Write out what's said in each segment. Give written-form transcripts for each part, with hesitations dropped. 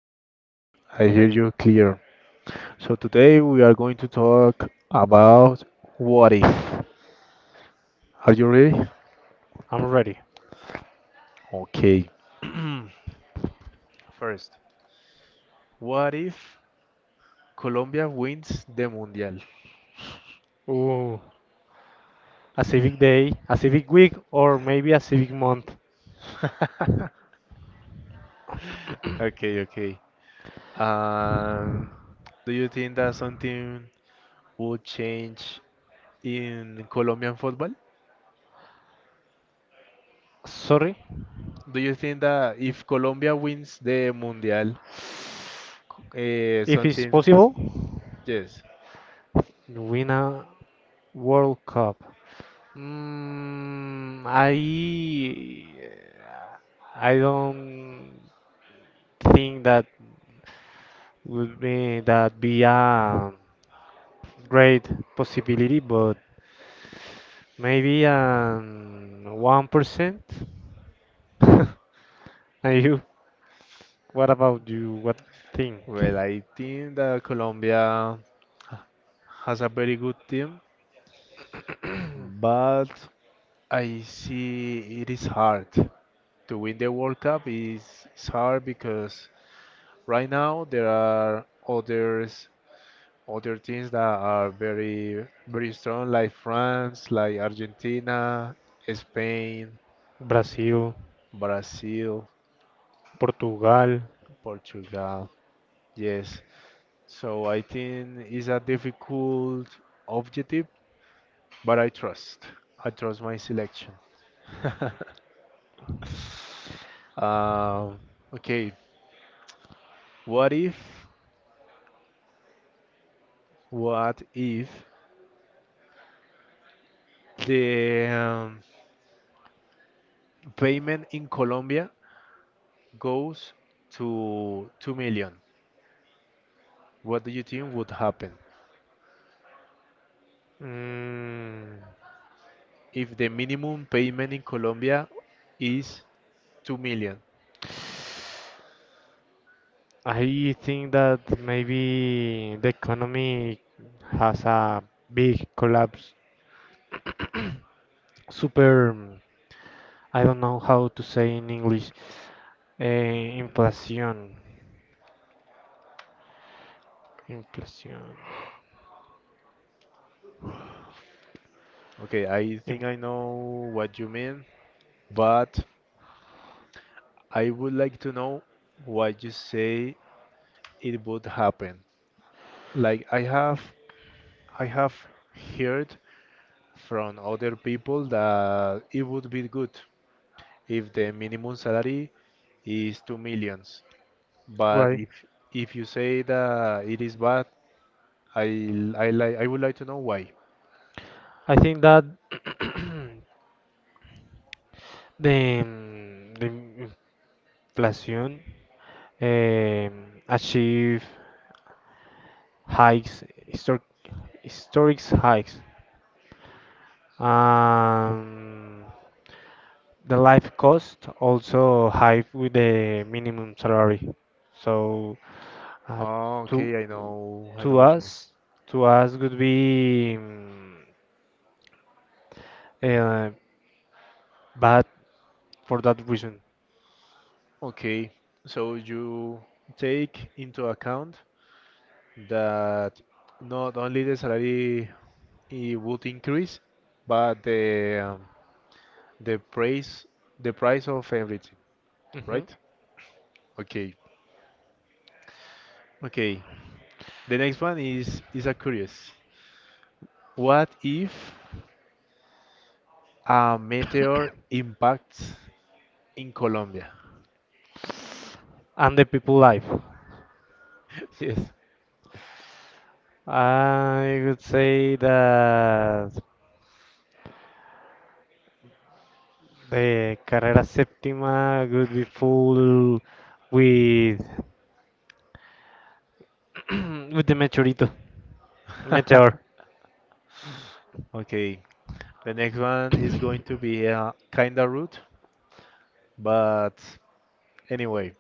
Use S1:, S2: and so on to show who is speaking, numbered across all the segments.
S1: Yes, yes, yes. I hear
S2: Okay,
S1: you clear. So today we are going to talk about what if. Are you ready?
S2: I'm ready.
S1: Okay. First, what if Colombia wins the Mundial?
S2: Ooh, a civic day, a civic week, or maybe a civic month.
S1: Okay, okay. Um, do you think that something would change in Colombian football?
S2: Sorry,
S1: Do you think that if Colombia wins the Mundial,
S2: if it's
S1: something?
S2: possible,
S1: Yes.
S2: win a World Cup. Mm, I I don't think that would be that be a great possibility, but maybe 1%. And you, what about you? What think?
S1: Well, I think that Colombia h- has a very good team, but I see it is hard to win the World Cup is hard because right now there are others other teams that are very strong like France, like Argentina, Spain,
S2: Brazil,
S1: Brazil,
S2: Portugal.
S1: Portugal. Yes. So I think it's a difficult objective but I trust. I trust my selection. Um, okay, what if, what if the payment in Colombia goes to 2 million? What do you think would happen
S2: Mm,
S1: if the minimum payment in Colombia is 2 million?
S2: I think that maybe the economy has a big collapse. Super, I don't know how to say in English. Eh, inflation. Inflation.
S1: Okay, I
S2: Inf
S1: think I know what you mean, but I would like to know what you say it would happen. Like I have heard from other people that it would be good if the minimum salary is 2 millions. But
S2: Why?
S1: if you say that it is bad, I I would like to know why.
S2: I think that the inflation achieve hikes historic hikes. Um, the life cost also high with the minimum salary. So uh,
S1: Ah,
S2: to
S1: okay, I know
S2: to
S1: what you mean.
S2: us, to us would be uh, bad for that reason.
S1: Okay, so you take into account that not only the salary it would increase, but the price the price of everything,
S2: Hmm
S1: right? Okay. Okay. The next one is a curious. What if a meteor impacts in Colombia?
S2: And the people life.
S1: Yes.
S2: I would say that the Carrera Septima would be full with with the meteorito, meteor.
S1: Okay. The next one is going to be a kinda rude, but anyway,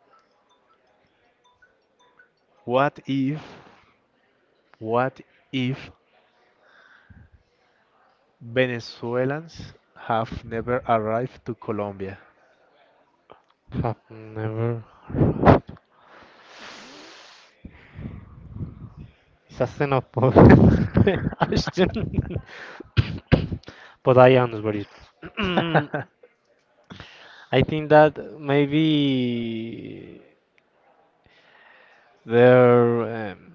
S1: what if what if Venezuelans have never arrived to Colombia?
S2: Have never. It's a xenophobic question, but I answer it. I think that maybe there um,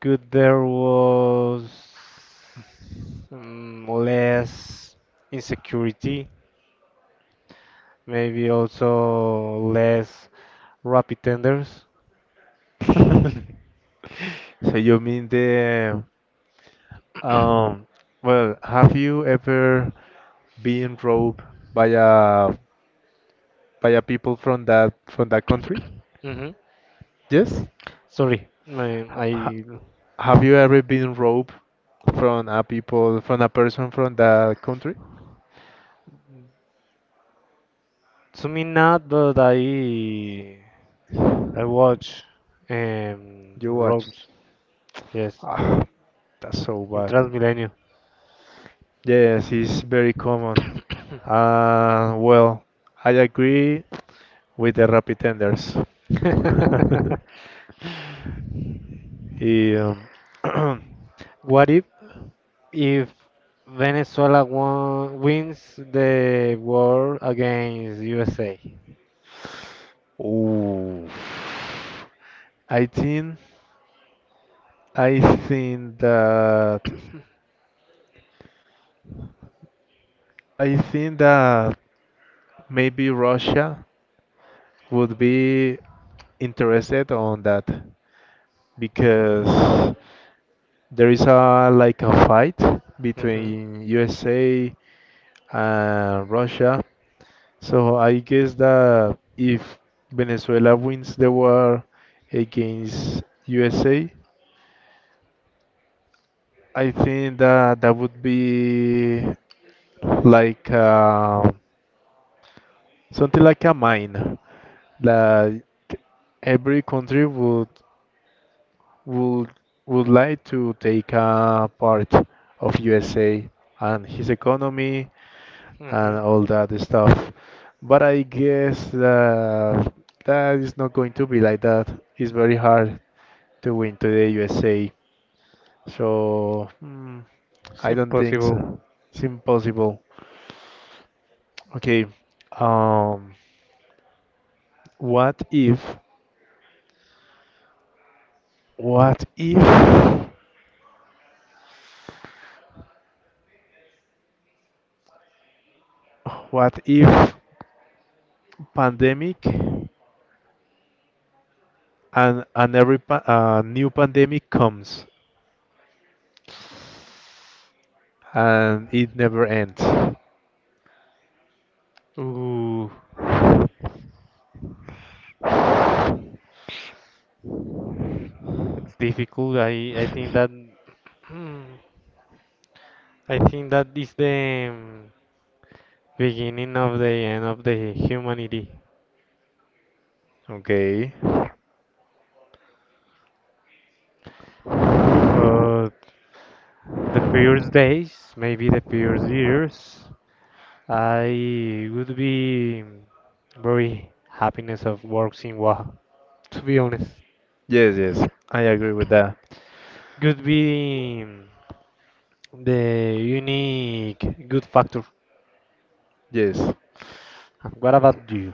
S2: there was less insecurity, maybe also less rapid tenders.
S1: So you mean the Um, well, have you ever been robbed by a by a people from that country?
S2: hmm
S1: Yes.
S2: Sorry, I,
S1: Ha ha-
S2: I
S1: have you ever been robbed from a person from that country?
S2: To me not, but I watch
S1: You watch.
S2: Rogues, yes,
S1: Ah, that's so
S2: in
S1: bad.
S2: Transmilenio.
S1: Yes, it's very common. Well, I agree with the rapid tenders. Yeah.
S2: What if if Venezuela wins the war against USA?
S1: Oh, I think I think that I think that maybe Russia would be interested on that because there is a like a fight
S2: Hmm
S1: between USA and Russia. So I guess that if Venezuela wins the war against USA, I think that that would be like something like a mine. Like every country would would like to take a part of USA and his economy and
S2: hmm
S1: all that stuff. But I guess that that is not going to be like that. It's very hard to win today USA. So
S2: It's
S1: I don't think
S2: impossible.
S1: so. It's impossible. Okay. Um, what if, what if, what if pandemic and every new pandemic comes and it never ends?
S2: Ooh, it's difficult. I think that I think that is the beginning of the end of the humanity.
S1: Okay.
S2: But the first days, maybe the first years, I would be very happiness of works in Oaxaca. To be honest,
S1: Yes, yes. I agree with that.
S2: could be the unique good factor.
S1: Yes.
S2: What about you?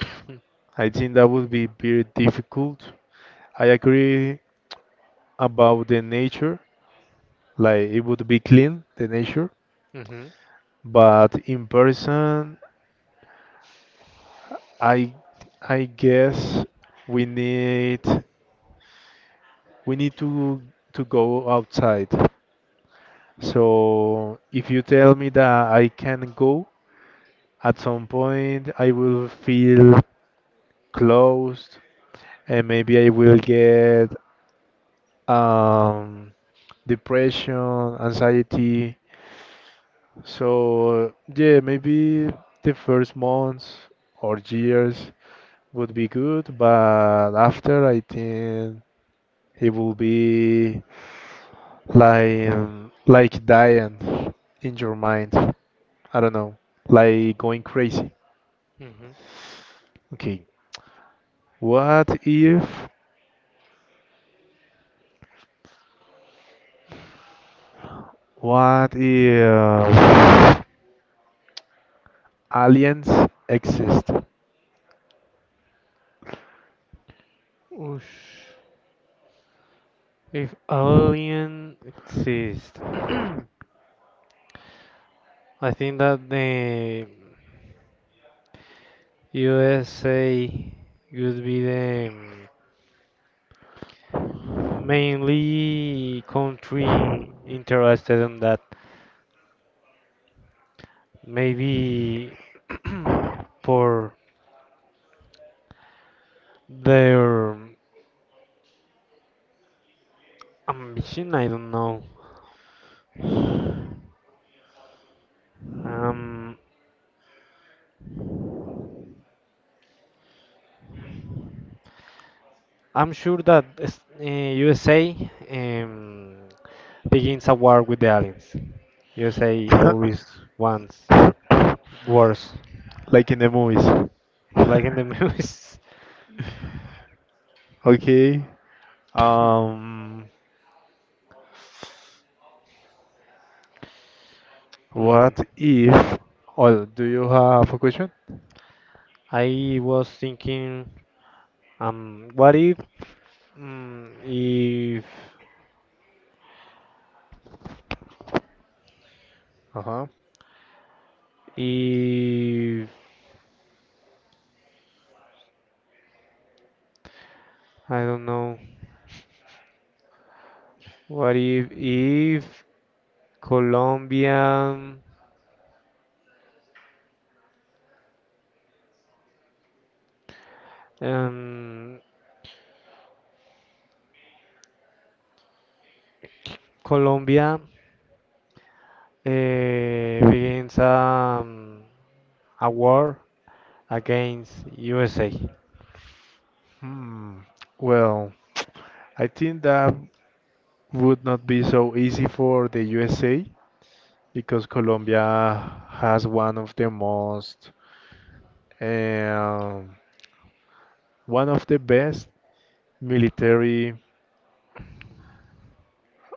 S1: I think that would be very difficult. I agree about the nature, like it would be clean, the nature,
S2: Mm-hmm.
S1: but in person I I guess we need we need to go outside. So if you tell me that I can go at some point, I will feel closed and maybe I will get um, depression, anxiety. So yeah, maybe the first months or years would be good, but after I think it will be like dying in your mind. I don't know, like going crazy.
S2: Mm-hmm.
S1: Okay, what if what if aliens exist?
S2: Oosh. If alien exist, I think that the USA would be the mainly country interested in that. Maybe for their ambition, I don't know. Um, I'm sure that USA um, begins a war with the aliens. USA always wants wars,
S1: Like in the movies.
S2: like in the movies.
S1: Okay. Um,
S2: Mm.
S1: what if? Oh, do you have a question?
S2: I was thinking, what if, mm, if,
S1: Uh huh.
S2: if, I don't know, what if Colombia, um, Colombia begins a war against USA.
S1: Hmm. Well, I think that would not be so easy for the USA because Colombia has one of the most um, one of the best military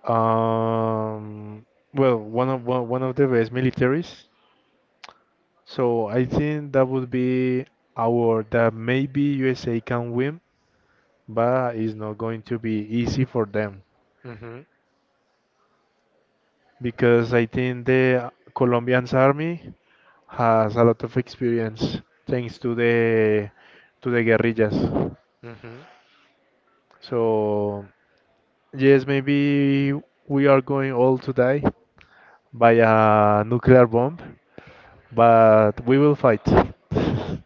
S1: um, one of the best militaries. So I think that would be our that maybe USA can win, but it's not going to be easy for them
S2: Mm-hmm.
S1: because I think the Colombian's army has a lot of experience thanks to the guerrillas.
S2: Mm-hmm.
S1: So yes, maybe we are going all to die by a nuclear bomb, but we will fight.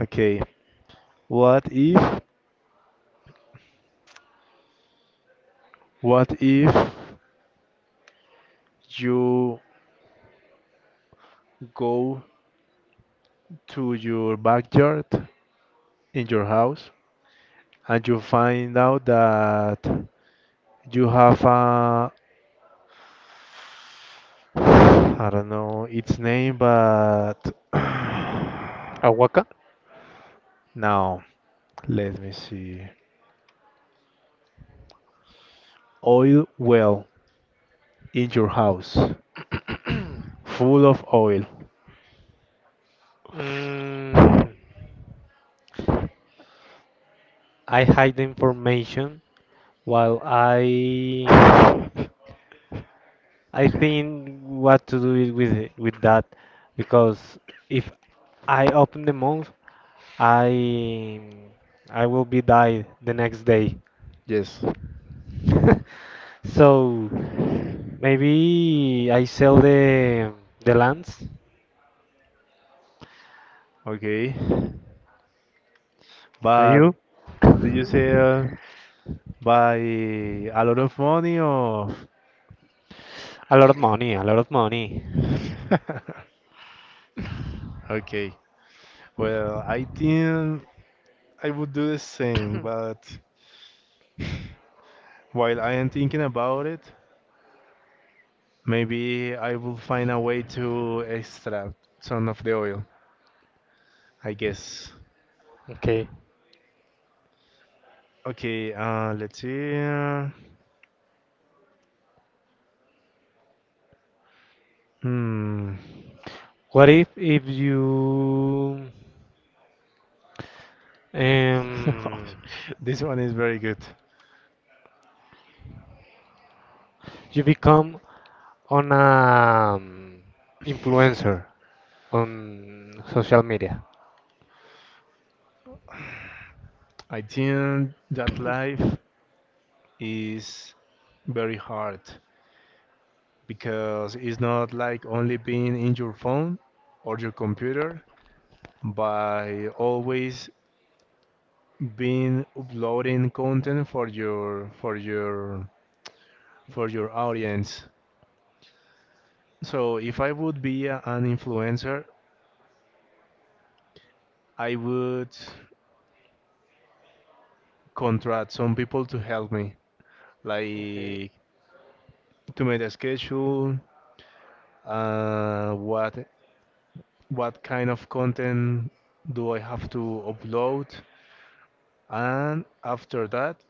S1: Okay, what if what if you go to your backyard in your house and you find out that you have a, I don't know its name, but
S2: Awaka?
S1: now let me see. Oil well in your house, full of oil.
S2: mm, I hide the information. Well, I think what to do is with that because if I open the mouth, I I will be died the next day.
S1: Yes.
S2: So maybe I sell the lands.
S1: Okay,
S2: Are
S1: but
S2: you?
S1: do you sell by a lot of money or?
S2: A lot of money, a lot of money.
S1: Okay, well, I think I would do the same, but while I am thinking about it, maybe I will find a way to extract some of the oil, I guess.
S2: Okay.
S1: Okay, let's see. Hmm.
S2: What if you um
S1: This one is very good.
S2: you become on a influencer on social media.
S1: I think that life is very hard because it's not like only being in your phone or your computer, but always being uploading content for your audience. So if I would be an influencer, I would contract some people to help me,
S2: Okay,
S1: like to make a schedule, uh, what what kind of content do I have to upload, and after that,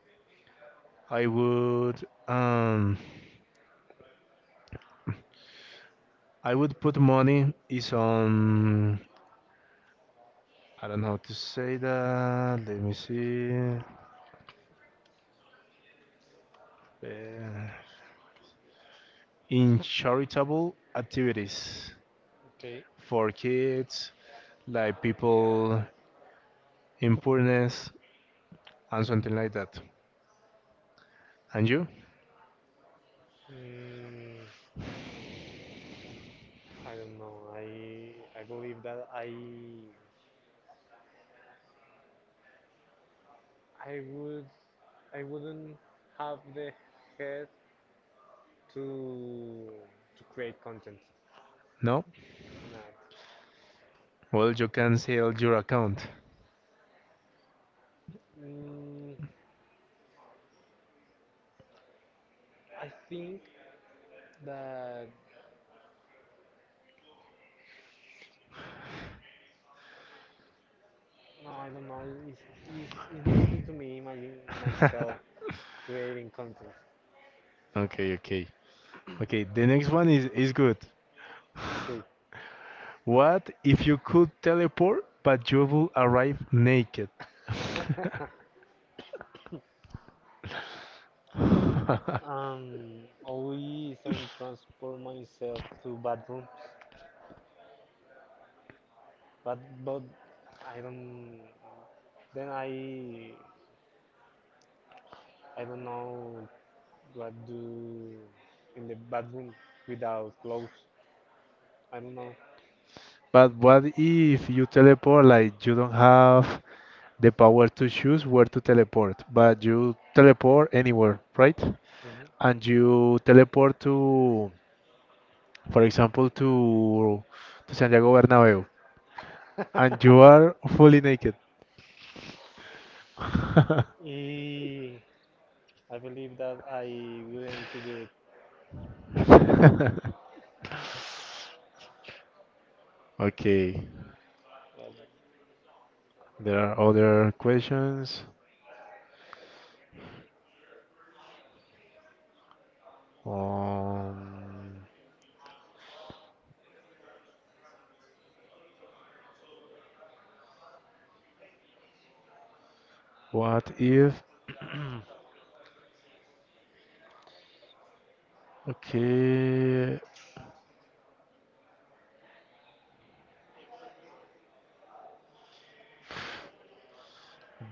S1: I would um, I would put money is on I don't know how to say that. Let me see. Uh, in charitable activities.
S2: okay.
S1: For kids, like people in poorness and something like that. And you?
S2: Mm, I don't know. I believe that I would I wouldn't have the head to to create content.
S1: No?
S2: Not.
S1: Well, you can sell your account.
S2: Mm, I think that no, I don't know. It's difficult to me imagine myself creating content.
S1: Okay, okay. Okay, the next one is good.
S2: Okay.
S1: What if you could teleport but you will arrive naked?
S2: Always and transport myself to bathrooms, but but I don't. Then I don't know what do in the bathroom without clothes. I don't know.
S1: But what if you teleport like you don't have the power to choose where to teleport, but you teleport anywhere, right?
S2: Hmm
S1: And you teleport to for example, to Santiago Bernabeu, and you are fully naked.
S2: Eh, I believe that I wouldn't do it.
S1: Okay, there are other questions. Um, what if? Okay,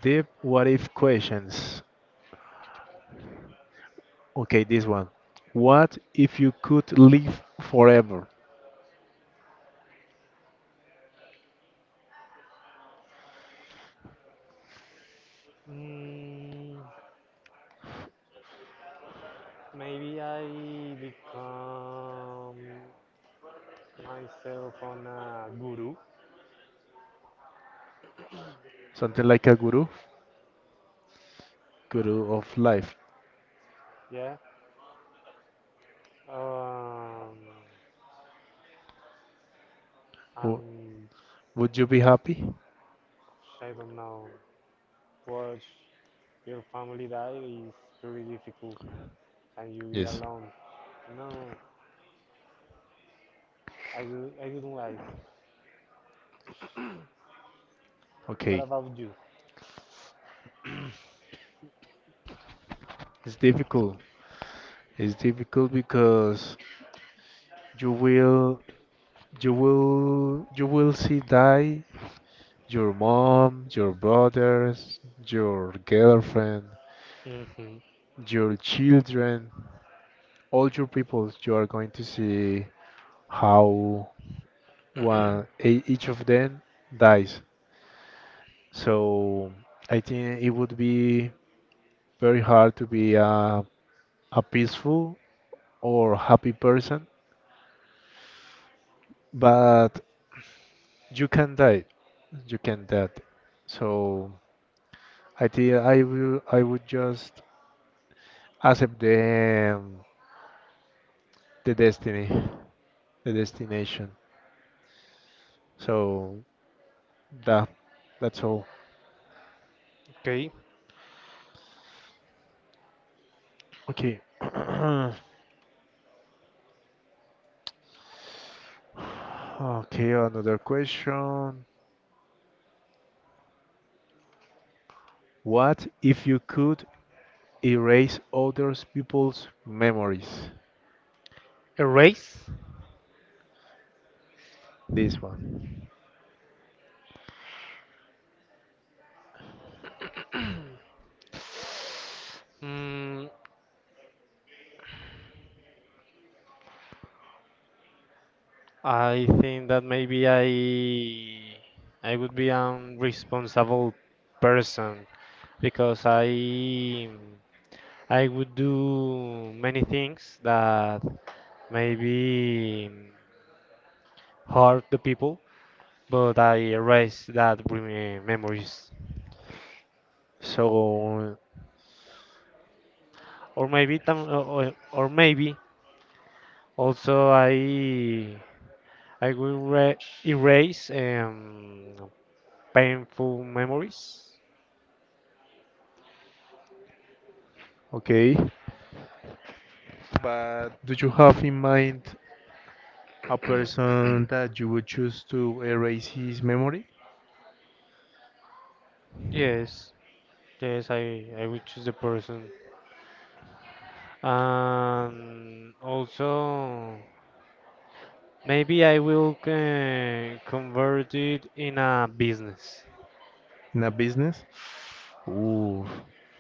S1: Deep what if questions. Okay, this one. What if you could live forever?
S2: Mm, maybe I become myself on a guru.
S1: Something like a guru, guru of life.
S2: Yeah, um,
S1: Wo-
S2: and
S1: Would you be happy?
S2: I don't know. Watch your family die is pretty difficult, and you be
S1: Yes.
S2: alone. No, I wouldn't like. What
S1: Okay,
S2: about you?
S1: it's difficult. It's difficult because you will you will see die your mom, your brothers, your girlfriend,
S2: Hmm
S1: your children, all your people. You are going to see how each of them dies. So I think it would be very hard to be a peaceful or happy person, but you can die. You can die. So I think I would just accept the destiny, the destination. So that that's all.
S2: Okay.
S1: Okay. Okay, another question. What if you could erase other people's memories?
S2: A race?
S1: This one.
S2: Mm, I think that maybe I would be an responsible person because I would do many things that maybe hurt the people, but I erase that memories.
S1: So,
S2: Or maybe also I will erase painful memories.
S1: okay. But do you have in mind a person that you would choose to erase his memory
S2: Yes, yes, I will choose the person, and also maybe I will convert it in a business.
S1: in a business? Ooh.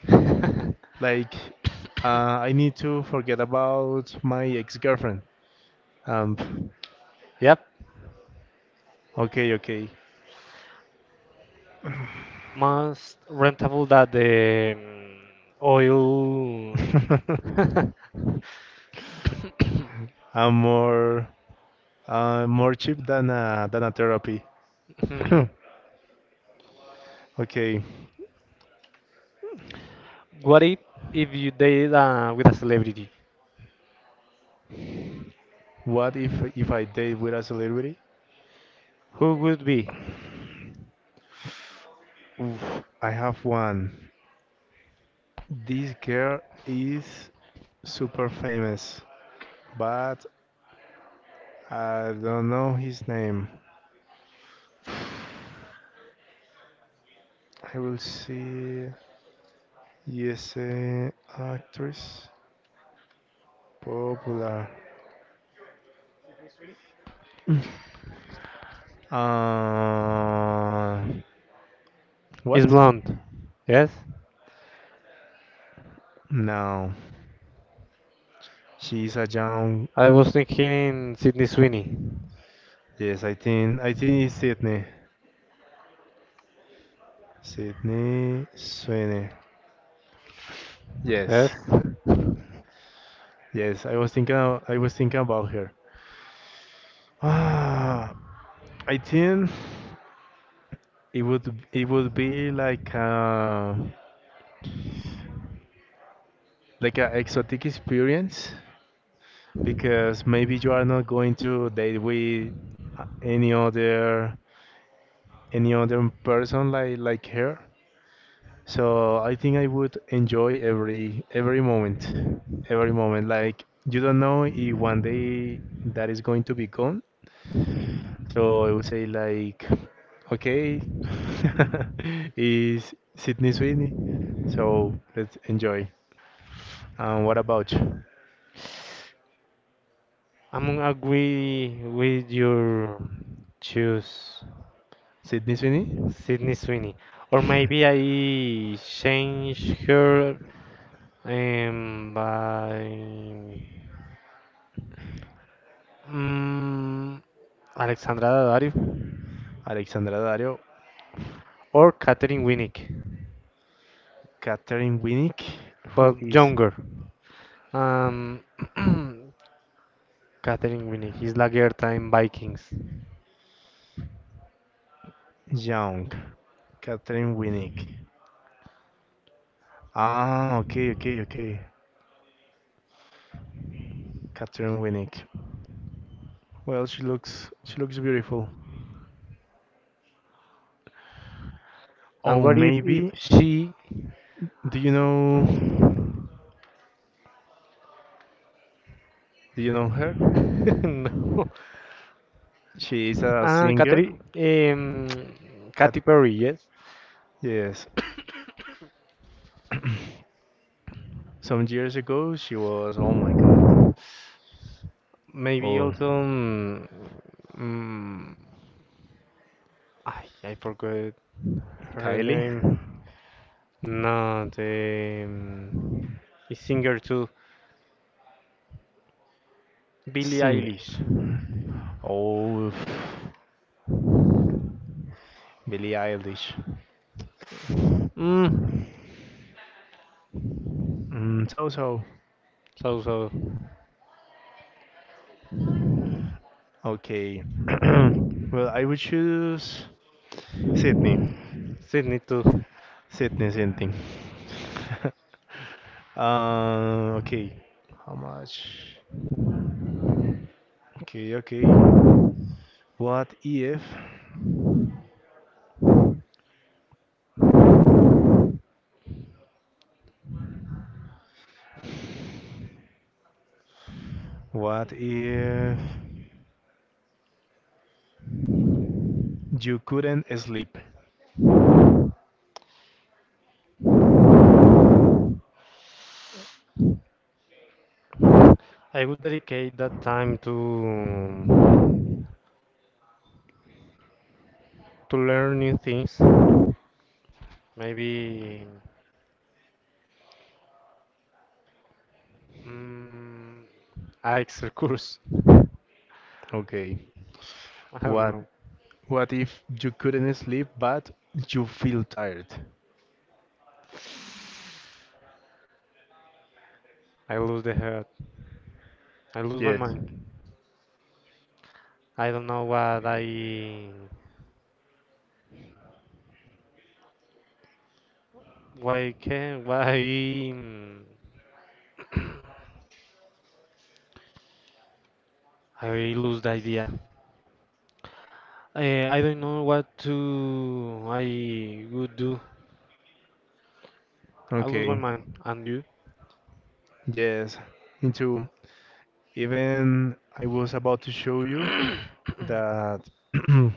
S1: Like, I need to forget about my ex-girlfriend. Um,
S2: Yep.
S1: okay, okay.
S2: Most rentable that the oil.
S1: I'm more more cheap than than a therapy.
S2: Mhm.
S1: Okay,
S2: What if you dated with a celebrity?
S1: what if I date with a celebrity?
S2: Who would be?
S1: Oof, I have one. This girl is super famous, but I don't know his name. I will see. Yes, actress popular. Uh,
S2: Is
S1: what?
S2: blonde. Yes.
S1: No, she's a young.
S2: I was thinking Sydney Sweeney.
S1: Yes, I think it's Sydney. Sydney Sweeney. Yes,
S2: Yes.
S1: yes. I was thinking. Of, I was thinking about her. Ah, I think it would be like a exotic experience because maybe you are not going to date with any other any other person like her. So I think I would enjoy every moment. Like you don't know if one day that is going to be gone. So I would say like, okay, is Sydney Sweeney. So let's enjoy. And what about you?
S2: I'm agree with your choose
S1: Sydney Sweeney,
S2: Sydney Sweeney. Or maybe I change her by mm, Alexandra Daddario
S1: Alexandra Dario,
S2: or Katherine Winnick,
S1: Catherine Winnick, who
S2: but
S1: is
S2: younger. Um, Katherine Winnick is Lagertha in Vikings.
S1: young. Catherine Winnick. Ah, okay. Catherine Winnick. Well, she looks beautiful.
S2: And
S1: Oh,
S2: what if
S1: maybe.
S2: she?
S1: Do you know do you know her?
S2: no.
S1: She is a
S2: Ah,
S1: singer.
S2: Katherine,
S1: Kat
S2: Katy Perry, yes.
S1: yes. Some years ago, she was oh my god.
S2: Maybe
S1: Oh,
S2: also. I forgot her
S1: Kylie
S2: name. No, the singer too. Billie
S1: singer.
S2: Eilish.
S1: Oh, Billie Eilish.
S2: Mm,
S1: Mm, so so.
S2: so so.
S1: Okay. Well, I would choose Sydney.
S2: Sydney too.
S1: Sydney. Okay. How much? Okay, okay. What if, what if you couldn't sleep?
S2: I would dedicate that time to learn new things. Maybe mm, IELTS course. I
S1: Okay.
S2: don't
S1: What,
S2: know.
S1: what if you couldn't sleep but you feel tired?
S2: I lose the head. I lose my
S1: Yes.
S2: mind. I don't know what I why can why mm, I lose the idea. I don't know what to I would do. I lose my
S1: Okay.
S2: mind. And you?
S1: Yes. Into even I was about to show you that in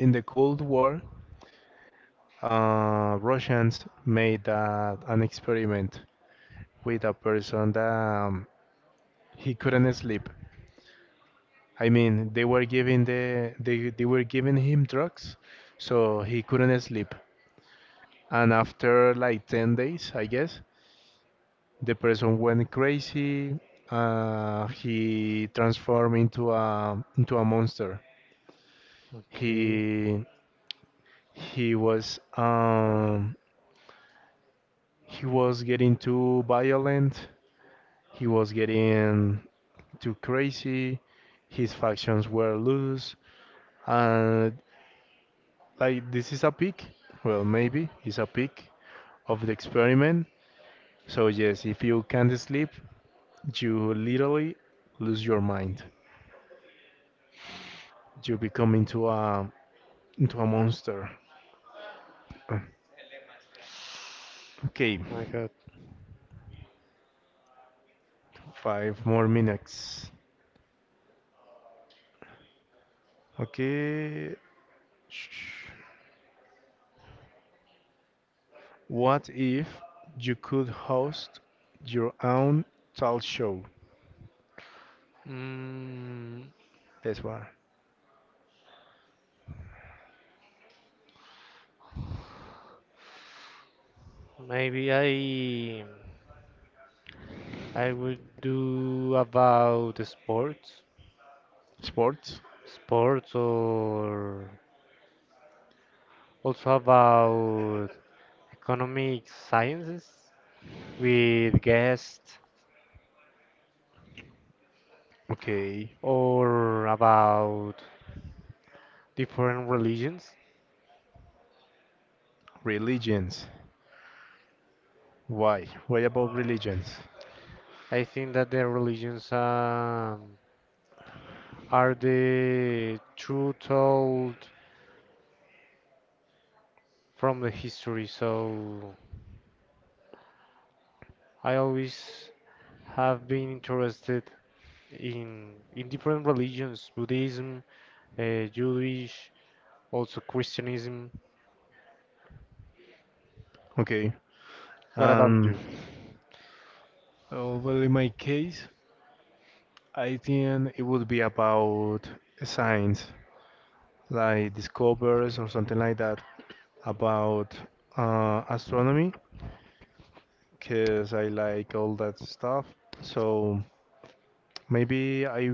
S1: the Cold War, Russians made an experiment with a person that he couldn't sleep. I mean, they were giving him drugs, so he couldn't sleep. And after like 10 days, I guess, the person went crazy. He transformed into a monster.
S2: Okay.
S1: He he was um he was getting too violent. He was getting too crazy. His factions were loose. And like this is a peak. Well, maybe it's a peak of the experiment. So yes, if you can't sleep, you literally lose your mind. You become into a monster. Uh, Okay,
S2: My God.
S1: five more minutes. Okay. Shh. What if you could host your own talk show?
S2: Mm,
S1: That's one.
S2: maybe I would do about the sports,
S1: Sports?
S2: sports, or also about economic sciences with guests,
S1: Okay.
S2: or about different religions.
S1: Religions. Why? Why about religions?
S2: I think that the religions are the truth told from the history. So I always have been interested in different religions, Buddhism, Jewish, also Christianism.
S1: Okay.
S2: What about
S1: Um,
S2: you?
S1: in my case, I think it would be about science, like discoveries or something like that, about astronomy, because I like all that stuff. So maybe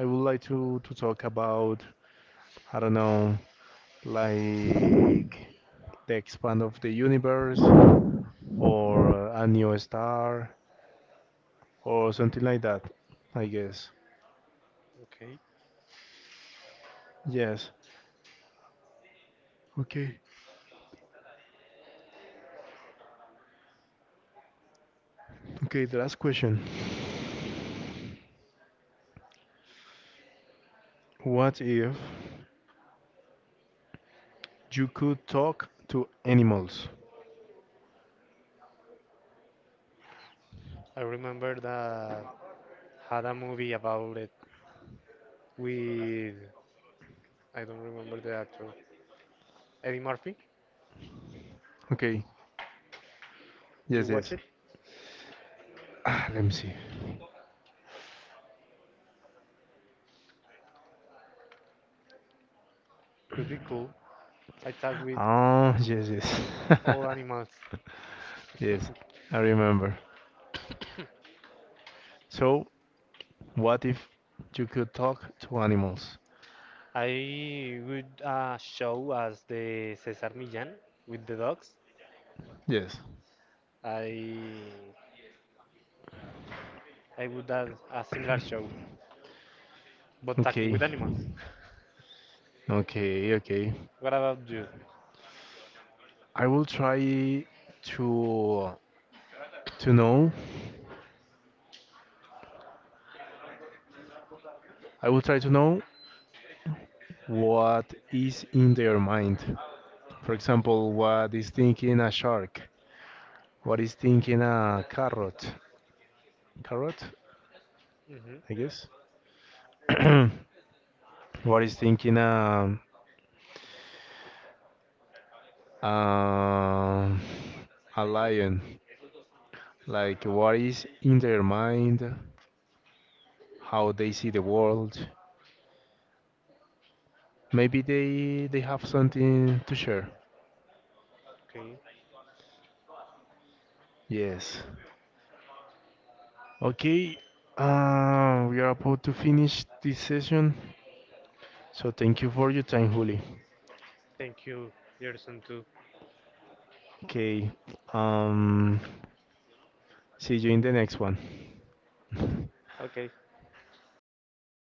S1: I would like to talk about I don't know, like the expand of the universe or a new star or something like that. I guess.
S2: Okay.
S1: Yes. Okay. Okay. The last question. What if you could talk to animals.
S2: I remember that had a movie about it with I don't remember the actor. Eddie Murphy.
S1: Okay.
S2: You
S1: Yes,
S2: watch
S1: yes.
S2: it?
S1: Ah, let me see.
S2: Would be cool. I talk with
S1: Ah. yes, yes.
S2: all animals.
S1: yes, I remember. So, what if you could talk to animals?
S2: I would show as the Cesar Millan with the dogs.
S1: Yes.
S2: I I would add a similar show, but talking
S1: Okay.
S2: with animals.
S1: Okay, okay.
S2: What about you?
S1: I will try to to know. I will try to know what is in their mind. For example, what is thinking a shark? What is thinking a carrot? Carrot?
S2: Hmm
S1: I guess. What is thinking um a lion? Like what is in their mind, how they see the world. Maybe they have something to share.
S2: Okay,
S1: Yes. Okay. We are about to finish this session. So thank you for your time, Juli.
S2: thank you, Gerson, too.
S1: Okay. Um, see you in the next one.
S2: Okay.